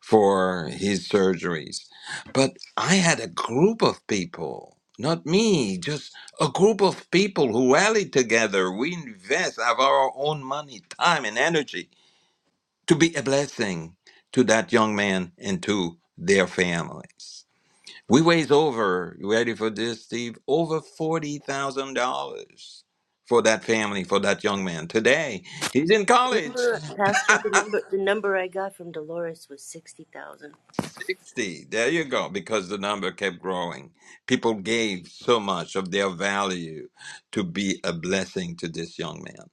A: for his surgeries but i had a group of people not me just a group of people who rallied together we invest of our own money time and energy to be a blessing to that young man and to their families we raised over, you ready for this, Steve? Over $40,000 for that family, for that young man. Today, he's in
D: The
A: college.
D: number, Pastor, the number, the number I got from Dolores was sixty thousand.
A: 60. There you go. Because the number kept growing. People gave so much of their value to be a blessing to this young man.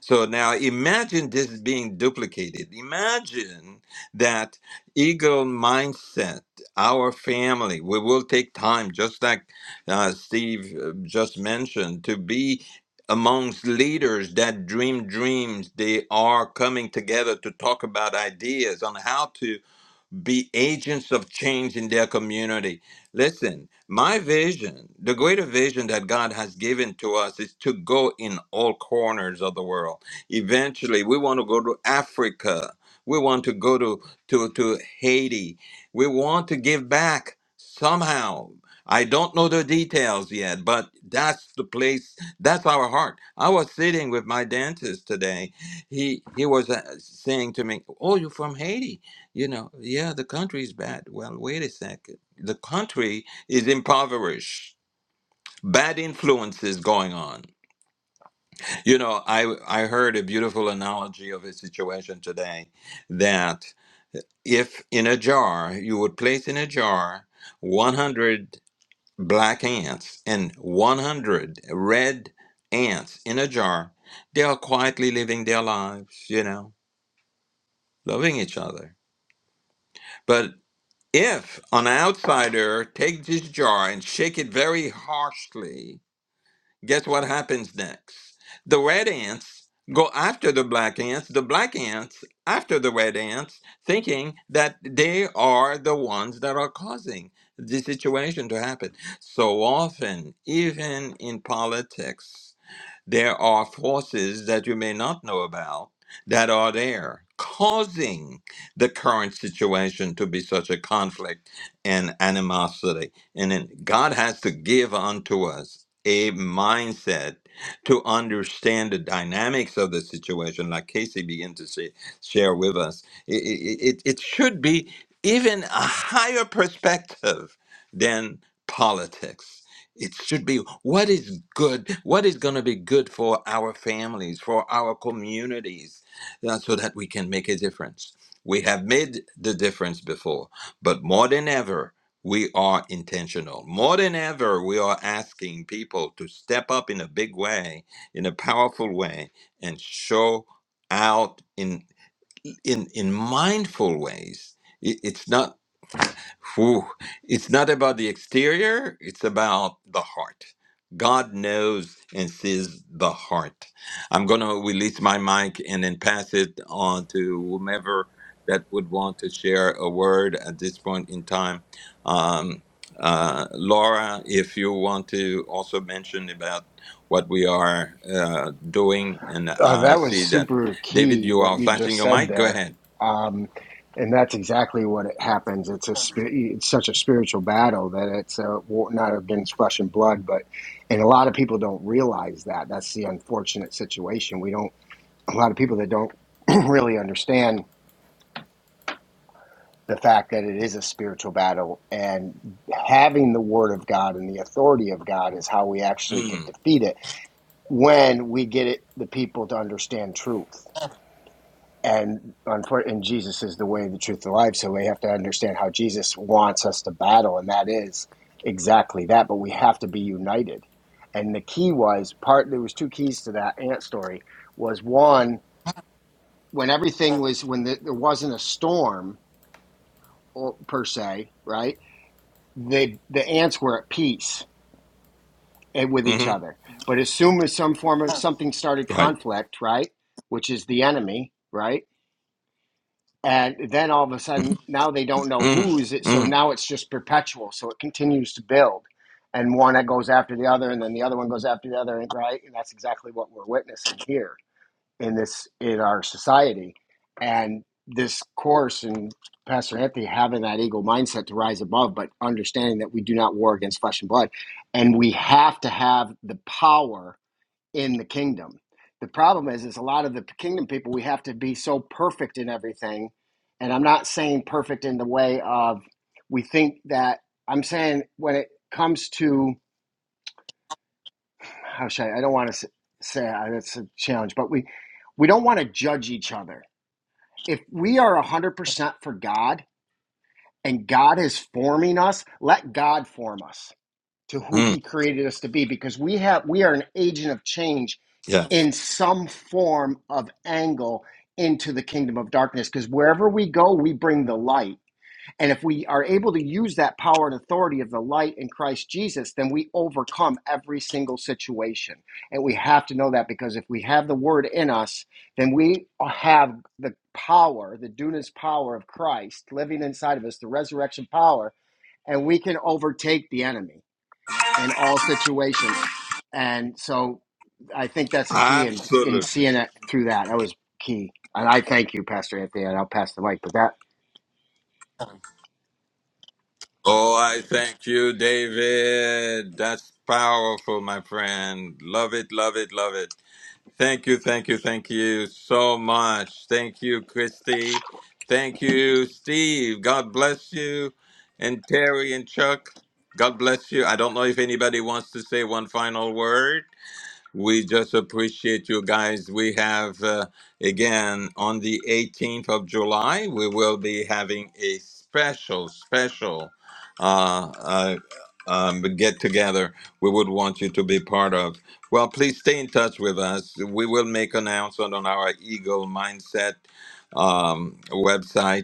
A: So now imagine this being duplicated. Imagine that eagle mindset, our family, we will take time, just like uh, Steve uh, just mentioned, to be amongst leaders that dream dreams. They are coming together to talk about ideas on how to be agents of change in their community. Listen, my vision, the greater vision that God has given to us is to go in all corners of the world. Eventually, we want to go to Africa. We want to go to, to, to Haiti. We want to give back somehow. I don't know the details yet, but that's the place, that's our heart. I was sitting with my dentist today. He he was uh, saying to me, "Oh, you're from Haiti." You know, yeah, the country is bad. Well, wait a second. The country is impoverished. Bad influences going on. You know, I I heard a beautiful analogy of a situation today that if in a jar you would place in a jar 100 black ants and 100 red ants in a jar, they are quietly living their lives, you know, loving each other. but. If an outsider takes this jar and shake it very harshly, guess what happens next? The red ants go after the black ants, the black ants after the red ants, thinking that they are the ones that are causing the situation to happen. So often, even in politics, there are forces that you may not know about that are there causing the current situation to be such a conflict and animosity. And then God has to give unto us a mindset to understand the dynamics of the situation, like Casey began to say, share with us. It, it, it should be even a higher perspective than politics it should be what is good, what is going to be good for our families, for our communities, uh, so that we can make a difference. We have made the difference before, but more than ever, we are intentional. More than ever, we are asking people to step up in a big way, in a powerful way, and show out in in in mindful ways. It- It's not. Whew. It's not about the exterior, it's about the heart. God knows and sees the heart. I'm going to release my mic and then pass it on to whomever that would want to share a word at this point in time. Um, uh, Laura, if you want to also mention about what we are uh, doing, and
C: Uh,
A: I
C: that was
A: see that
C: super
A: David,
C: key
A: you
C: what
A: are
C: you just
A: flashing your
C: said
A: mic. Go
C: there,
A: ahead.
C: um, and that's exactly what it happens. It's a spi- it's such a spiritual battle that it's a, war- not against flesh and blood, but and a lot of people don't realize that. That's the unfortunate situation. We don't a lot of people that don't [clears throat] really understand the fact that it is a spiritual battle, and having the word of God and the authority of God is how we actually can
A: Mm,
C: defeat it when we get it the people to understand truth and unfor- and Jesus is the way, the truth, the life. So we have to understand how Jesus wants us to battle, and that is exactly that. But we have to be united. And the key was part. There was two keys to that ant story. Was one when everything was when the, there wasn't a storm or, per se, right? The the ants were at peace eh, with each
A: mhm.
C: other. But as soon as some form of something started
A: Go ahead.
C: conflict, right, which is the enemy, right? and then all of a
A: Mhm,
C: sudden now they don't know
A: mhm,
C: who's it
A: mhm.
C: so now it's just perpetual so it continues to build and one that goes after the other and then the other one goes after the other right and that's exactly what we're witnessing here in this in our society and this course and pastor anthony having that eagle mindset to rise above but understanding that we do not war against flesh and blood and we have to have the power in the kingdom. The problem is, is a lot of the kingdom people, we have to be so perfect in everything. And I'm not saying perfect in the way of we think that, I'm saying when it comes to, how should I, I don't want to say uh, that's a challenge, but we, we don't want to judge each other. If we are 100% for God and God is forming us, let God form us to who
A: Mm,
C: he created us to be because we have we are an agent of change
A: yeah,
C: in some form of angle into the kingdom of darkness because wherever we go we bring the light and if we are able to use that power and authority of the light in Christ Jesus then we overcome every single situation and we have to know that because if we have the word in us then we have the power the dunamis power of Christ living inside of us the resurrection power and we can overtake the enemy in all situations. And so I think that's a key in in
A: absolutely.
C: seeing it through that. That was key. And I thank you, Pastor Anthony, and I'll pass the mic. But that
A: Oh, I thank you, David. That's powerful, my friend. Love it, love it, love it. Thank you, thank you, thank you so much. Thank you, Christy. Thank you, Steve. God bless you. And Terry and Chuck, God bless you. I don't know if anybody wants to say one final word. We just appreciate you guys. We have, uh, again, on the 18th of July, we will be having a special, special uh, uh, um, get together we would want you to be part of. Well, please stay in touch with us. We will make announcement on our Eagle Mindset um, website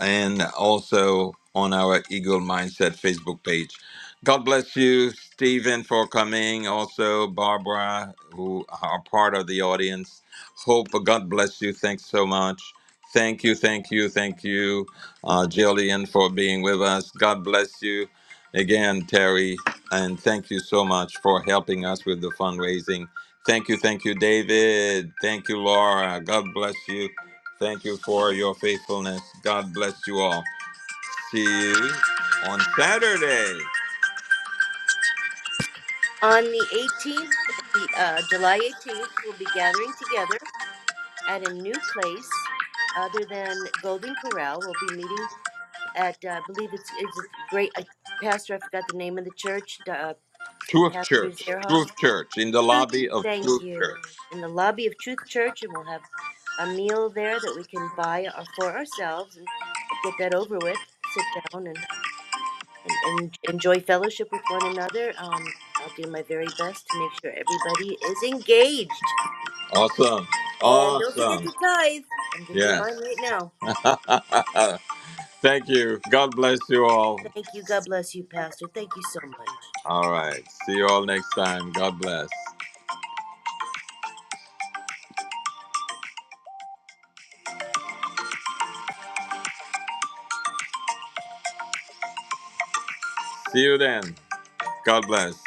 A: and also on our Eagle Mindset Facebook page. God bless you, Stephen, for coming. Also, Barbara, who are part of the audience. Hope God bless you. Thanks so much. Thank you, thank you, thank you, uh, Jillian, for being with us. God bless you again, Terry, and thank you so much for helping us with the fundraising. Thank you, thank you, David. Thank you, Laura. God bless you. Thank you for your faithfulness. God bless you all. See you on Saturday.
D: On the eighteenth, the uh, July eighteenth, we'll be gathering together at a new place other than Golden Corral. We'll be meeting at uh, I believe it's it's a great I, pastor. I forgot the name of the church. Uh,
A: Truth
D: pastor
A: Church,
D: Zerhoff.
A: Truth Church, in the
D: Truth.
A: lobby of
D: Thank
A: Truth
D: you.
A: Church.
D: In the lobby of Truth Church, and we'll have a meal there that we can buy our, for ourselves and get that over with. Sit down and and, and enjoy fellowship with one another. Um, I'll do my very best to make sure everybody is engaged.
A: Awesome.
D: And don't forget
A: Awesome.
D: to tithe. I'm gonna do
A: Yes.
D: mine right now.
A: [laughs] Thank you. God bless you all.
D: Thank you. God bless you, Pastor. Thank you so much.
A: All right. See you all next time. God bless. See you then. God bless.